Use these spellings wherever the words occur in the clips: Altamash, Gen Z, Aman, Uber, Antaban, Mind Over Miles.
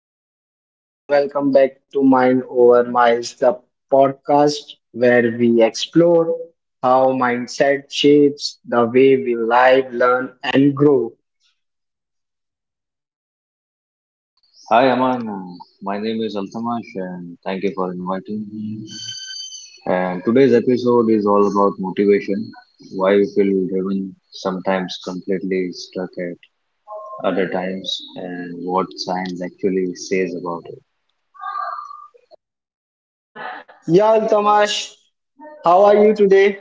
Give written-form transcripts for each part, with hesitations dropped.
Hello, everyone. Welcome back to Mind Over Miles, the podcast where we explore how mindset shapes the way we live, learn, and grow. Hi Aman, my name is Altamash and thank you for inviting me. And today's episode is all about motivation, why we feel driven, sometimes completely stuck at other times, and what science actually says about it. Yeah, Altamash, how are you today?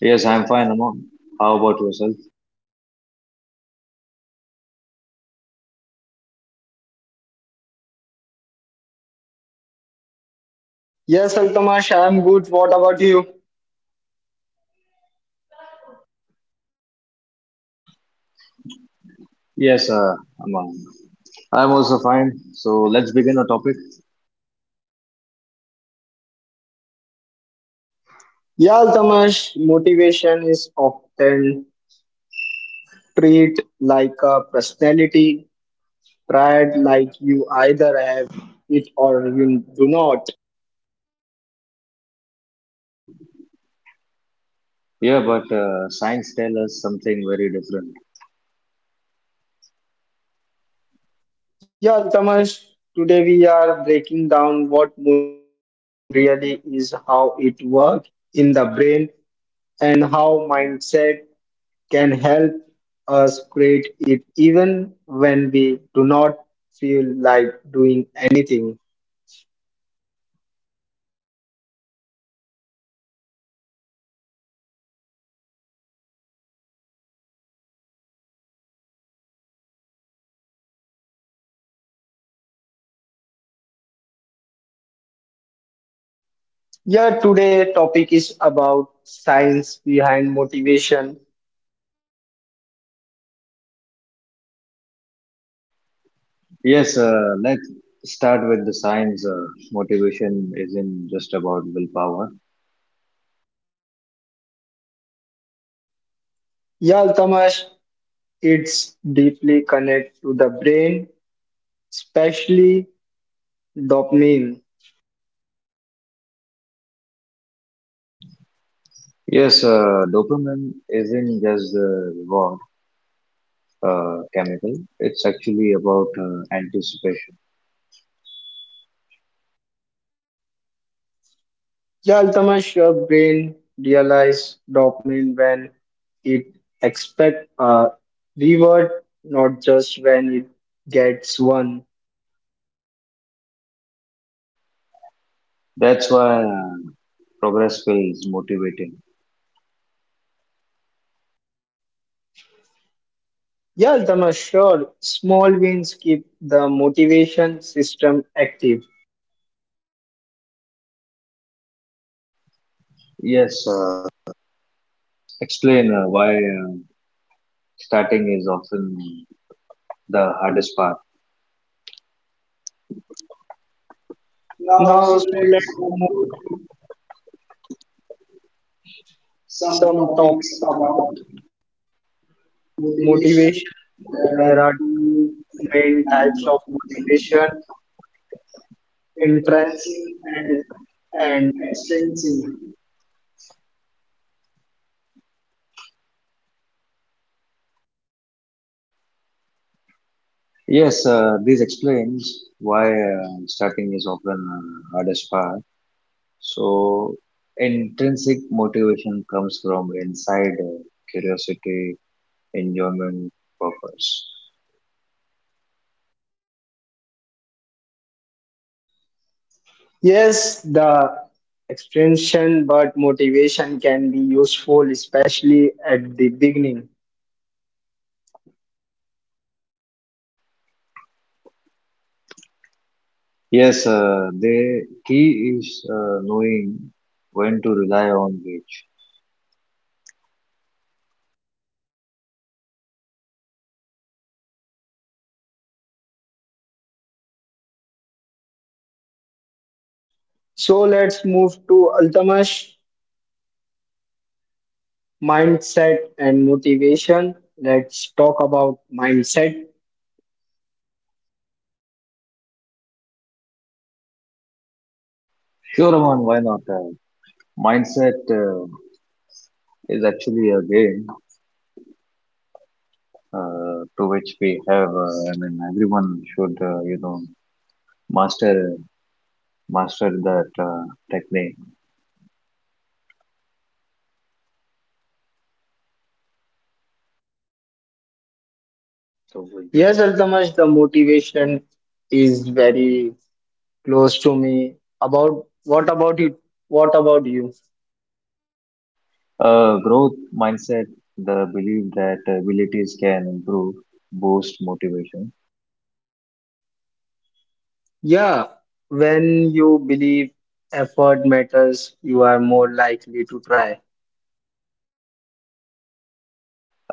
Yes, I'm fine, Aman. How about yourself? Yes, Altamash, I'm good. What about you? Yes, Aman, I'm also fine. So let's begin our topic. Yeah, Altamash, motivation is often treated like a personality, pride, like you either have it or you do not. Yeah, but science tells us something very different. Yeah, Altamash, today we are breaking down what motivation really is, how it works in the brain, and how mindset can help us create it even when we do not feel like doing anything. Yeah, today topic is about science behind motivation. Yes, let's start with the science. Motivation isn't just about willpower. Yeah, Altamash, it's deeply connected to the brain, especially dopamine. Yes, dopamine isn't just the reward chemical, it's actually about anticipation. Yeah, Altamash, your brain realize dopamine when it expect a reward, not just when it gets one. That's why progress feels motivating. Yeah, Altamash, sure. Small wins keep the motivation system active. Yes. Now, so let's move to some topics about motivation. There are two main types of motivation, intrinsic and extrinsic. Yes, this explains why starting is often hardest part. So, intrinsic motivation comes from inside: curiosity, enjoyment, purpose. Yes, the extension but motivation can be useful, especially at the beginning. Yes, the key is knowing when to rely on which. So let's move to Altamash, mindset and motivation. Let's talk about mindset. Sure, Aman, why not? Mindset is actually a game to which we have, I mean, everyone should, you know, master master that technique. Yes, Altamash, the motivation is very close to me. About what about you? What about you? Growth mindset, the belief that abilities can improve, boost motivation. Yeah, when you believe effort matters, you are more likely to try.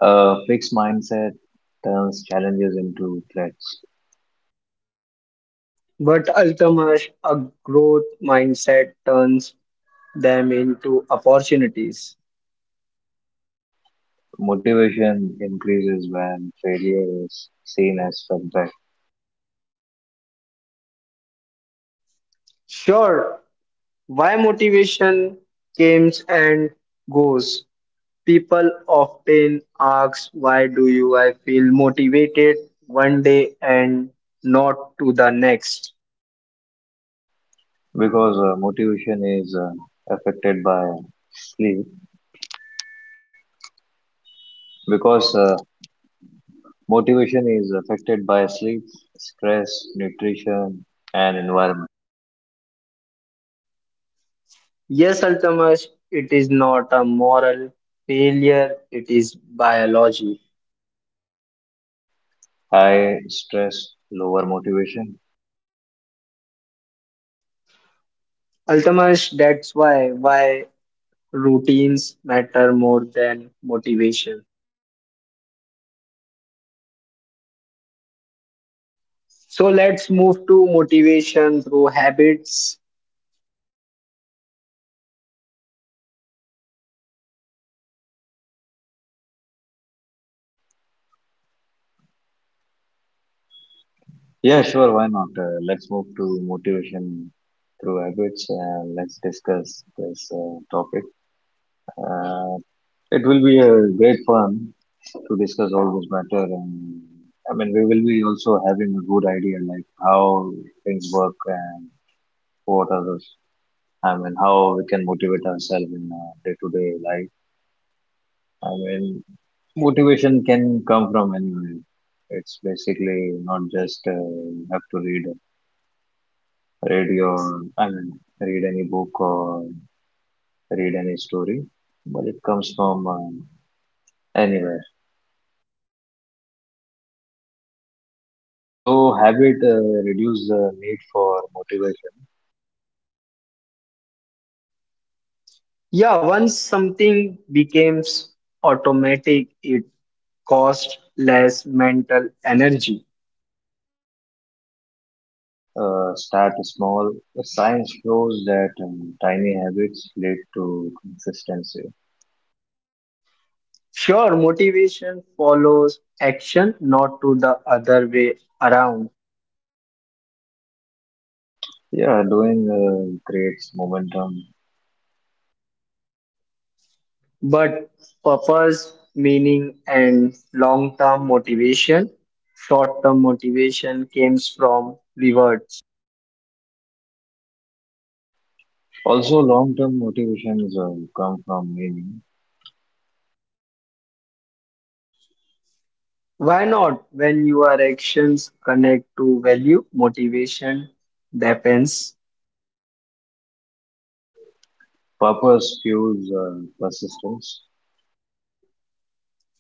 Fixed mindset turns challenges into threats. But ultimately, a growth mindset turns them into opportunities. Motivation increases when failure is seen as setback, Sure, why motivation comes and goes. People often ask, why do you I feel motivated one day and not to the next? because motivation is affected by sleep because Motivation is affected by sleep, stress, nutrition, and environment. Yes, Alchemist, it is not a moral failure, it is biology. High stress, lower motivation. Alchemist, that's why. Why routines matter more than motivation. So let's move to motivation through habits. Yeah, sure, why not? Let's move to motivation through habits and let's discuss this topic. Uh, it will be a great fun to discuss all this matter, and I mean we will be also having a good idea like how things work and what are those. I mean, how we can motivate ourselves in day to day life. I mean, motivation can come from anywhere. It's basically not just you have to read your, I mean, read any book or read any story, but it comes from anywhere. So habit reduce the need for motivation. Yeah, once something becomes automatic, it costs less mental energy. Start small. Science shows that tiny habits lead to consistency. Sure, motivation follows action, not to the other way around. Yeah, doing creates momentum. But purpose, meaning, and long term motivation, short term motivation comes from rewards. Also, long-term motivations come from meaning. Why not? When your actions connect to value, motivation, depends. Purpose fuels persistence.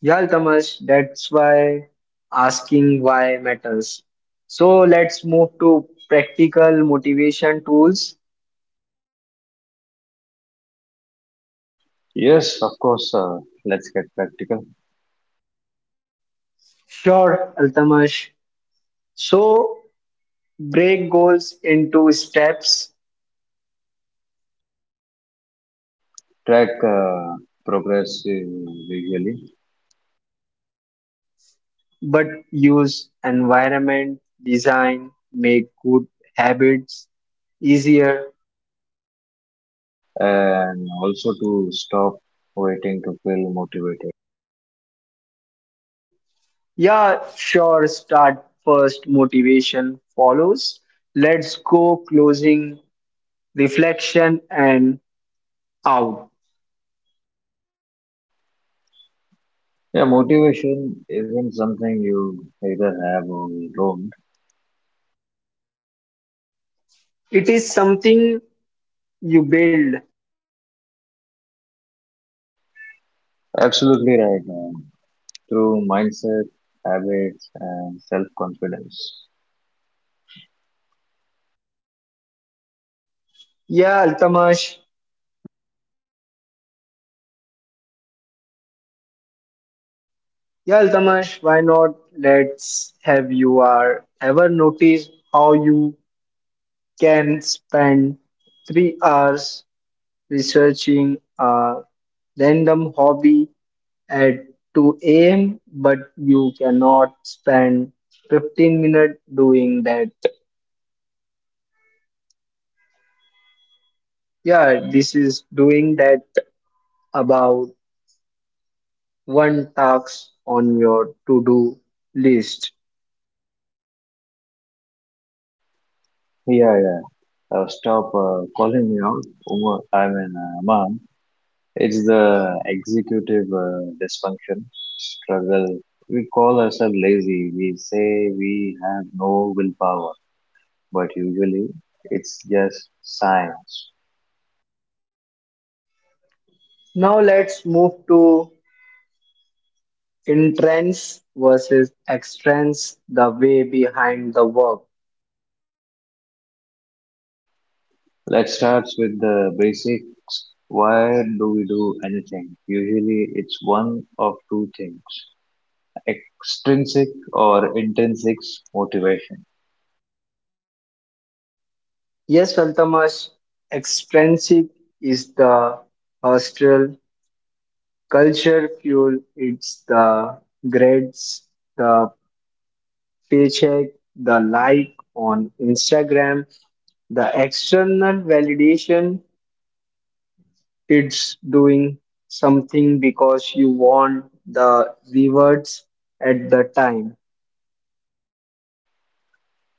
Yeah, Tamas, that's why asking why matters. So let's move to practical motivation tools. Yes, of course. Let's get practical. Sure, Altamash. So break goals into steps, Track progress visually, but use environment, design, make good habits easier. and also to stop waiting to feel motivated. Yeah, sure. Start first, motivation follows. Let's go closing, reflection, and out. Yeah, motivation isn't something you either have or you don't. It is something you build. Absolutely right. Through mindset, habits, and self-confidence. Yeah, Altamash. Yeah, Altamash, why not? Let's have you are ever noticed how you can spend 3 hours researching a random hobby at 2 a.m., but you cannot spend 15 minutes doing that. Yeah, this is doing that about one task on your to-do list. Yeah, yeah. Stop calling me out, Umar. I mean, Aman. It's the executive dysfunction struggle. We call ourselves lazy. We say we have no willpower, but usually it's just science. Now let's move to entrance versus extrance, the way behind the work. Let's start with the basics. Why do we do anything? Usually it's one of two things: extrinsic or intrinsic motivation. Yes, Altamash, extrinsic is the hostile culture fuel, it's the grades, the paycheck, the like on Instagram, the external validation. It's doing something because you want the rewards at the time.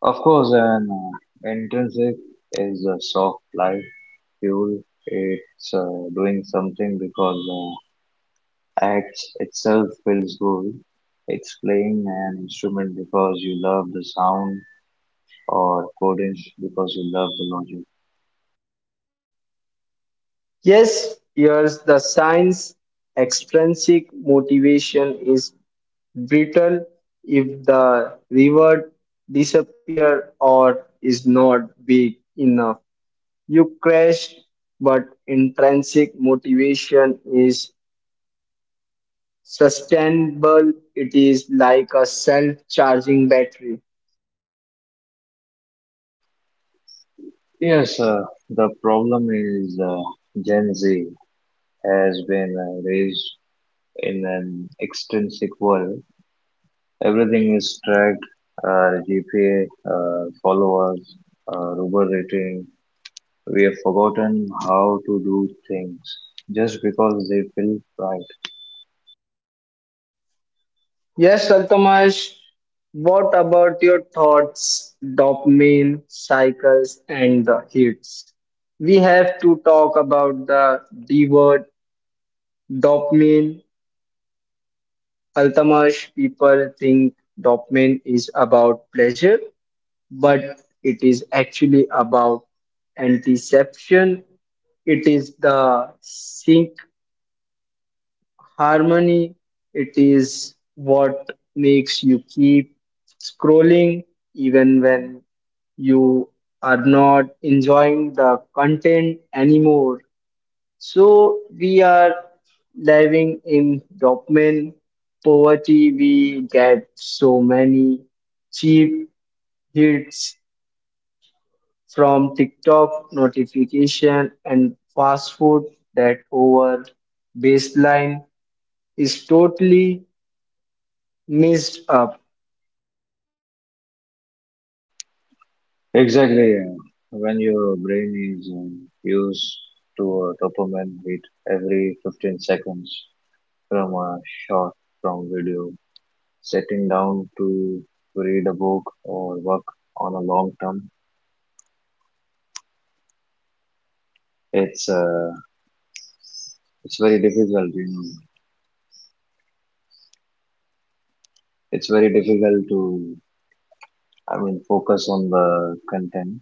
Of course, an intrinsic is a soft lie fuel. It's doing something because acts itself feels good. It's playing an instrument because you love the sound, or coding because you love the logic. Yes, here's the science. Extrinsic motivation is brittle if the reward disappear or is not big enough. You crash, but intrinsic motivation is sustainable, it is like a self-charging battery. Yes, the problem is Gen Z has been raised in an extrinsic world. Everything is tracked: GPA, followers, Uber rating. We have forgotten how to do things just because they feel right. Yes, Altamash, what about your thoughts, dopamine cycles, and the hits? We have to talk about the D word, dopamine. Altamash, people think dopamine is about pleasure, but it is actually about antiception. It is the sync harmony, it is what makes you keep scrolling even when you are not enjoying the content anymore. So we are living in dopamine poverty. We get so many cheap hits from TikTok notification and fast food that our baseline is totally messed up. Exactly. When your brain is used to a dopamine hit every 15 seconds from a short from video, sitting down to read a book or work on a long term, it's very difficult. You know, it's very difficult to, I mean, focus on the content.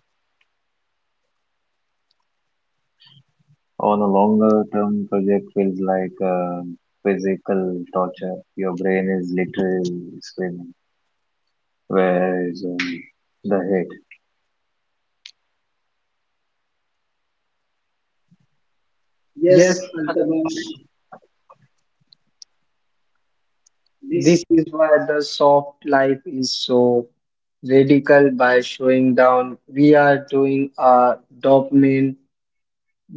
On a longer term project feels like physical torture. Your brain is literally screaming, where is the head? Yes, Yes, Antaban, Altamash, this. this is why the soft life is so radical by showing down. We are doing a dopamine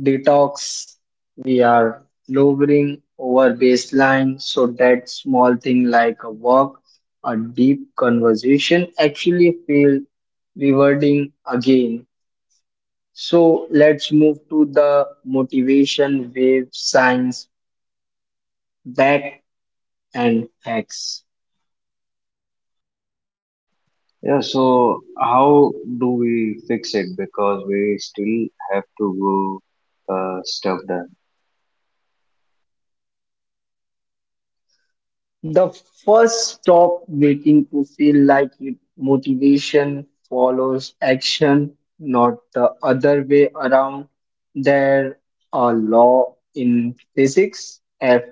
detox. We are lowering our baseline so that small thing like a walk, a deep conversation actually feel rewarding again. So let's move to the motivation wave science back and hacks. Yeah, so how do we fix it? Because we still have to go stuff done. The first stop waiting to feel like it. Motivation follows action, not the other way around. There a law in physics, F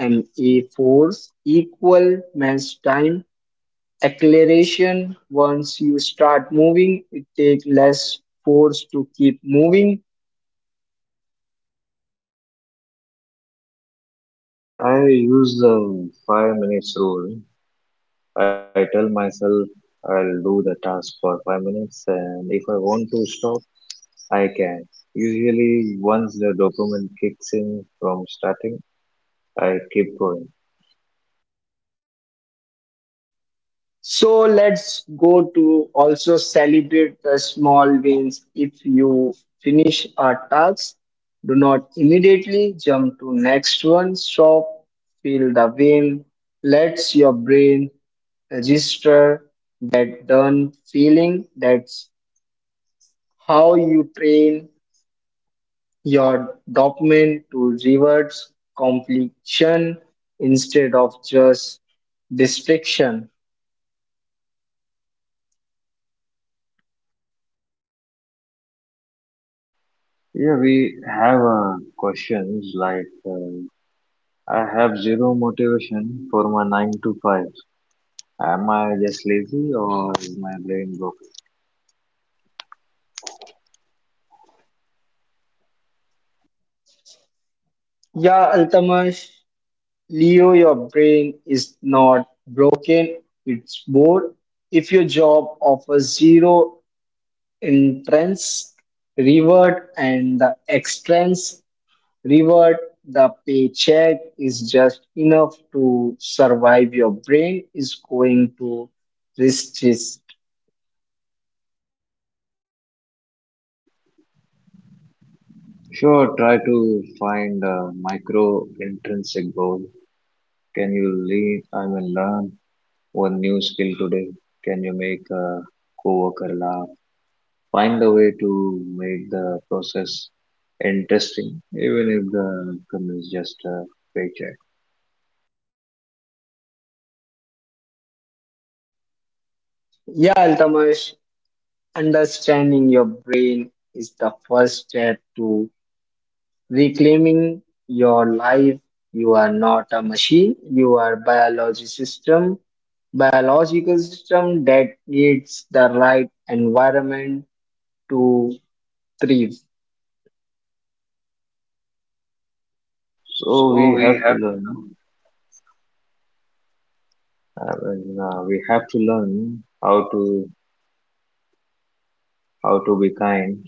M A force equal mass time acceleration. Once you start moving, it takes less force to keep moving. Yeah, I use the 5-minute rule. I tell myself I'll do the task for 5 minutes, and if I want to stop, I can. Usually, once the dopamine kicks in from starting, I keep going. So let's go to also celebrate the small wins. If you finish a task, do not immediately jump to next one. Stop, feel the win. Let your brain register that done feeling. That's how you train your dopamine to rewards completion instead of just distraction. Yeah, we have questions like I have zero motivation for my 9 to 5. Am I just lazy or is my brain broken? Yeah, Altamash. Leo, your brain is not broken, it's bored. If your job offers zero entrance reward and the expense reward, the paycheck is just enough to survive. Your brain is going to resist. Sure, try to find a micro intrinsic goal. Can you lead, I mean, learn one new skill today? Can you make a coworker laugh? Find a way to make the process interesting, even if the outcome is just a paycheck. Yeah, Altamash, understanding your brain is the first step to reclaiming your life. You are not a machine. You are biology system, biological system that needs the right environment to thrive. So So we we have to have. learn, and we have to learn how to how to be kind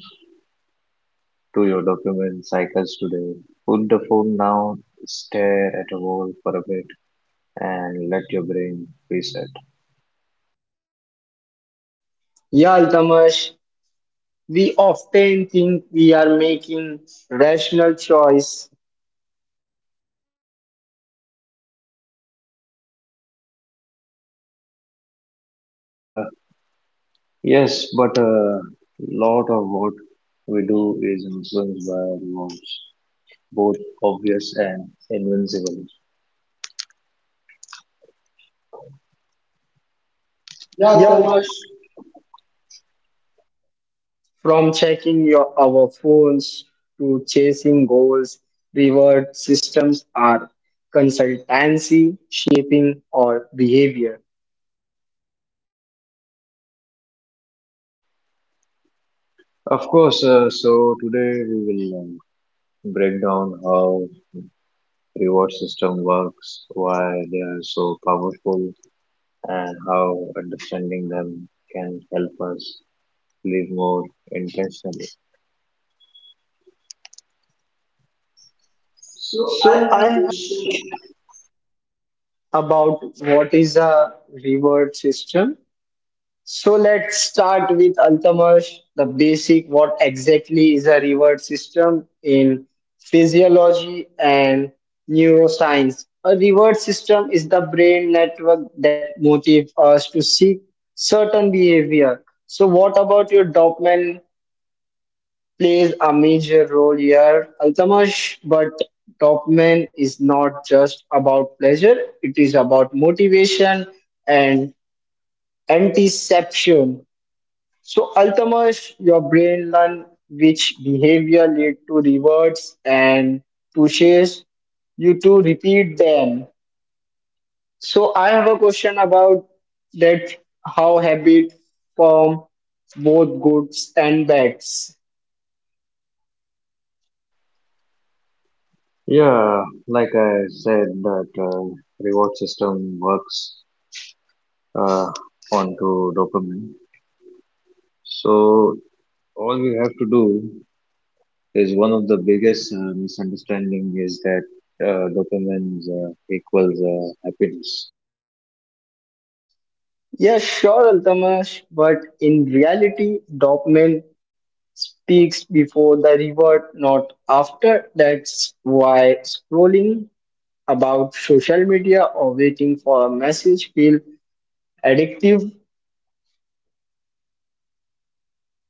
to your document cycles today. Put the phone down, stare at a wall for a bit, and let your brain reset. Yeah, Altamash, we often think we are making rational choice. Yes, but a lot of what we do is influenced by our wants, both obvious and invincible. Yeah, Yeah, Altamash. Altamash, from checking our phones to chasing goals, reward systems are consultancy, shaping our behavior. Of course, so today we will break down how reward system works, why they are so powerful, and how understanding them can help us live more intentionally. So I So have I a have a question. question about what is a reward system. So let's start with Altamash, the basic what exactly is a reward system in physiology and neuroscience. A reward system is the brain network that motivates us to seek certain behavior. So what about your dopamine plays a major role here, Altamash, but dopamine is not just about pleasure, it is about motivation and antiception. So Altamas, your brain learn which behavior lead to rewards and pushes you to repeat them. So I have a question about that how habit form both goods and bads. Yeah, like I said, that reward system works uh, onto dopamine. So all we have to do is one of the biggest misunderstanding is that dopamine equals happiness. Yes, sure, Altamas, but in reality, dopamine speaks before the reward, not after. That's why scrolling about social media or waiting for a message feel Addictive,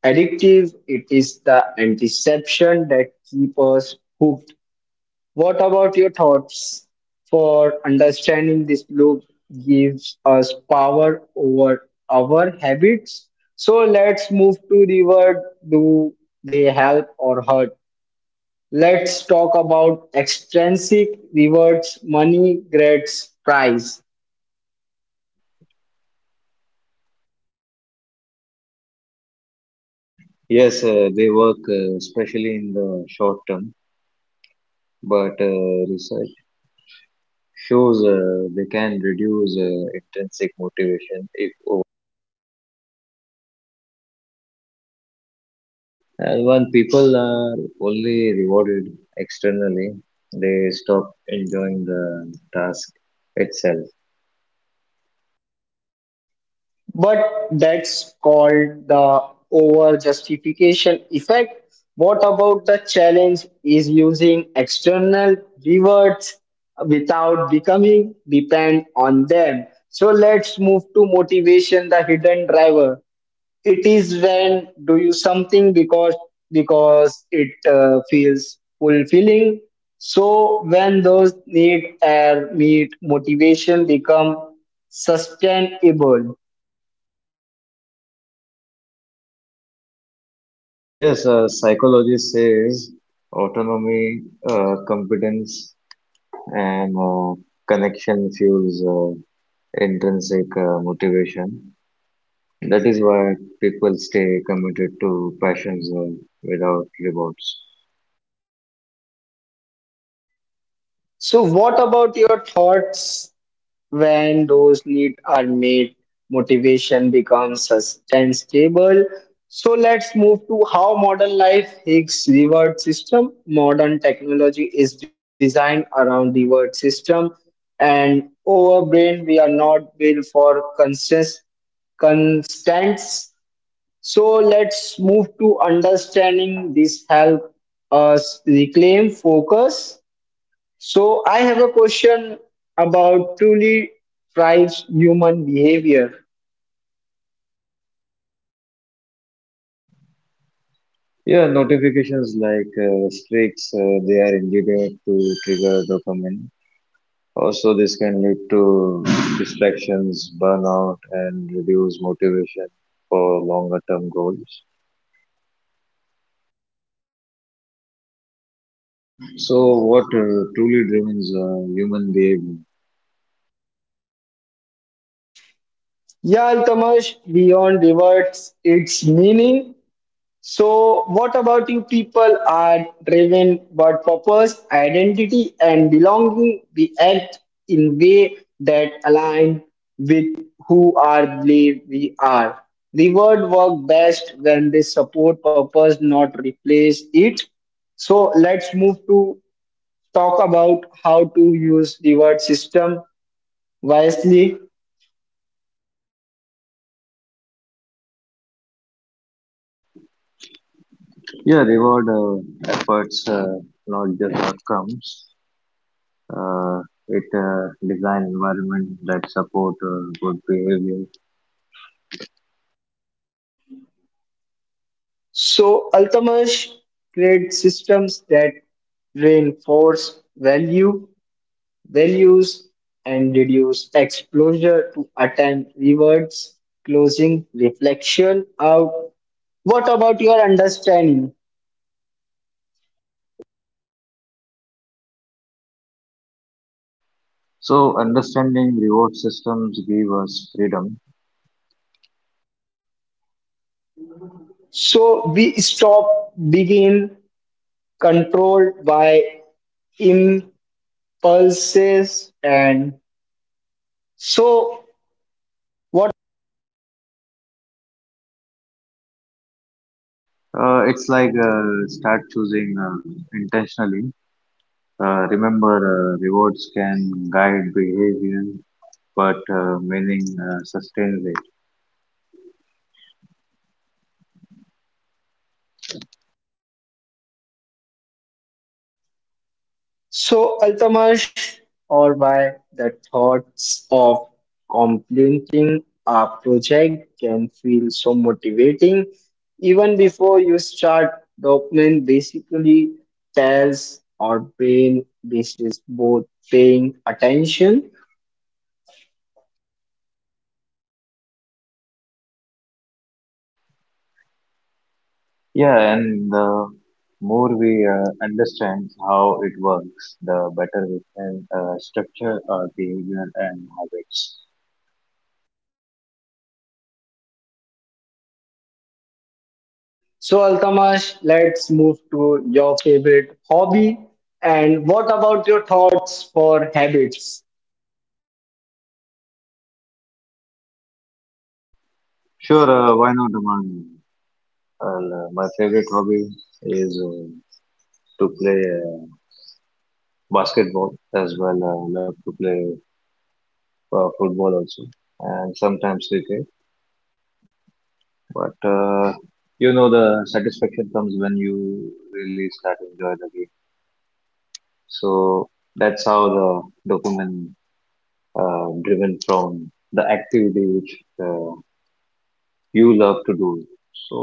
addictive. It is the antiception that keep us hooked. What about your thoughts? For understanding this loop gives us power over our habits. So let's move to the word. Do they help or hurt? Let's talk about extrinsic rewards, money, grades, prize. Yes, they work especially in the short term, but research shows they can reduce intrinsic motivation if over. And when people are only rewarded externally, they stop enjoying the task itself. But that's called the over-justification effect. What about the challenge is using external rewards without becoming dependent on them? So let's move to motivation, the hidden driver. It is when do you something because it feels fulfilling. So when those need are meet, motivation become sustainable. Yes, psychology says autonomy, competence, and connection fuels intrinsic motivation. That is why people stay committed to passions without rewards. So, what about your thoughts when those needs are made? Motivation becomes sustainable. So, let's move to how modern life Higgs reward system. Modern technology is designed around reward system, and our brain we are not built for consist constants. So let's move to understanding this help us reclaim focus. So I have a question about truly drives human behavior. Yeah, notifications like streaks, they are engineered to trigger dopamine. Also, this can lead to distractions, burnout, and reduce motivation for longer term goals. So, what truly determines human behavior? Yeah, Altamash, beyond reverts its meaning. So what about you people are driven by purpose, identity and belonging. We act in way that align with who are believe we are. Reward work best when they support purpose, not replace it. So let's move to talk about how to use the word system wisely. Yeah, reward efforts, not just outcomes. Uh, it design environment that support good behavior. So Altamash creates systems that reinforce values, and reduce exposure to attempt rewards. Closing reflection out. What about your understanding? So understanding reward systems give us freedom. So we stop begin controlled by impulses and so what. It's like start choosing intentionally. Remember, rewards can guide behavior, but meaning sustains it. So, Altamash, or why the thoughts of completing a project can feel so motivating. Even before you start, dopamine basically tells our brain this is both paying attention. Yeah, and the more we understand how it works, the better we can structure our behavior and habits. So, Altamash, let's move to your favorite hobby. And what about your thoughts for habits? Sure, why not, Aman? Well, my favorite hobby is to play uh, basketball as well. I love to play football also, and sometimes cricket. But you know, the satisfaction comes when you really start enjoy the game. So that's how the dopamine driven from the activity which uh, you love to do. So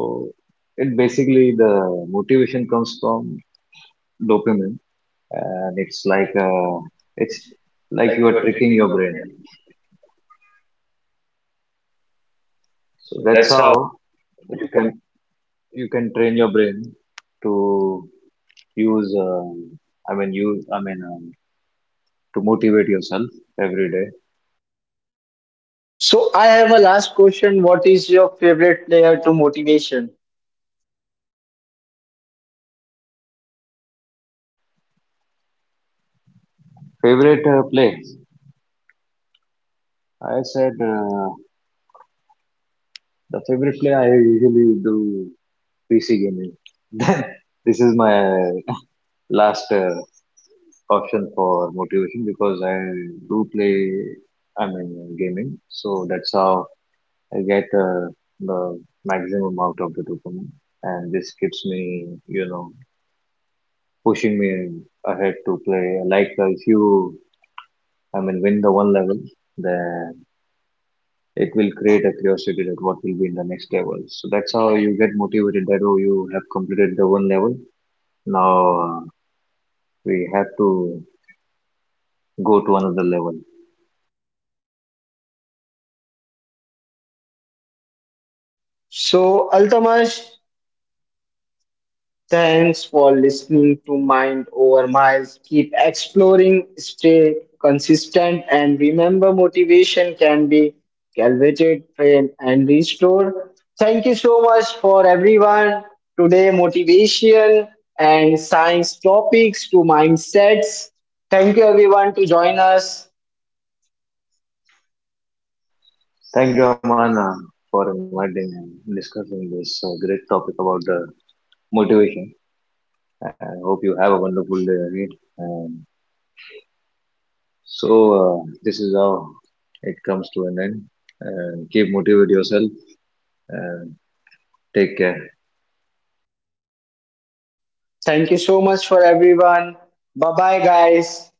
it basically the motivation comes from dopamine, and it's like it's like you are tricking your brain. So that's how you can you can train your brain to use. um use, to motivate yourself every day. So, I have a last question. What is your favorite player to motivation? Favorite play? I said the favorite play I usually do. PC gaming. Then this is my last option for motivation, because I do play, I mean, gaming, so that's how I get the maximum out of the dopamine, and this keeps me, you know, pushing me ahead to play. Like if you, I mean, win the one level, then it will create a curiosity that what will be in the next level. So that's how you get motivated. That oh, you have completed the one level. Now we have to go to another level. So, Altamash, thanks for listening to Mind Over Miles. Keep exploring, stay consistent, and remember motivation can be cultivated, trained, and restored. Thank you so much for everyone. Today, motivation and science topics to mindsets. Thank you, everyone, to join us. Thank you, Amana, for inviting and discussing this great topic about the motivation. I hope you have a wonderful day ahead. Um, so, this is how it comes to an end. And keep motivate yourself and take care. Thank you so much for everyone. Bye bye, guys.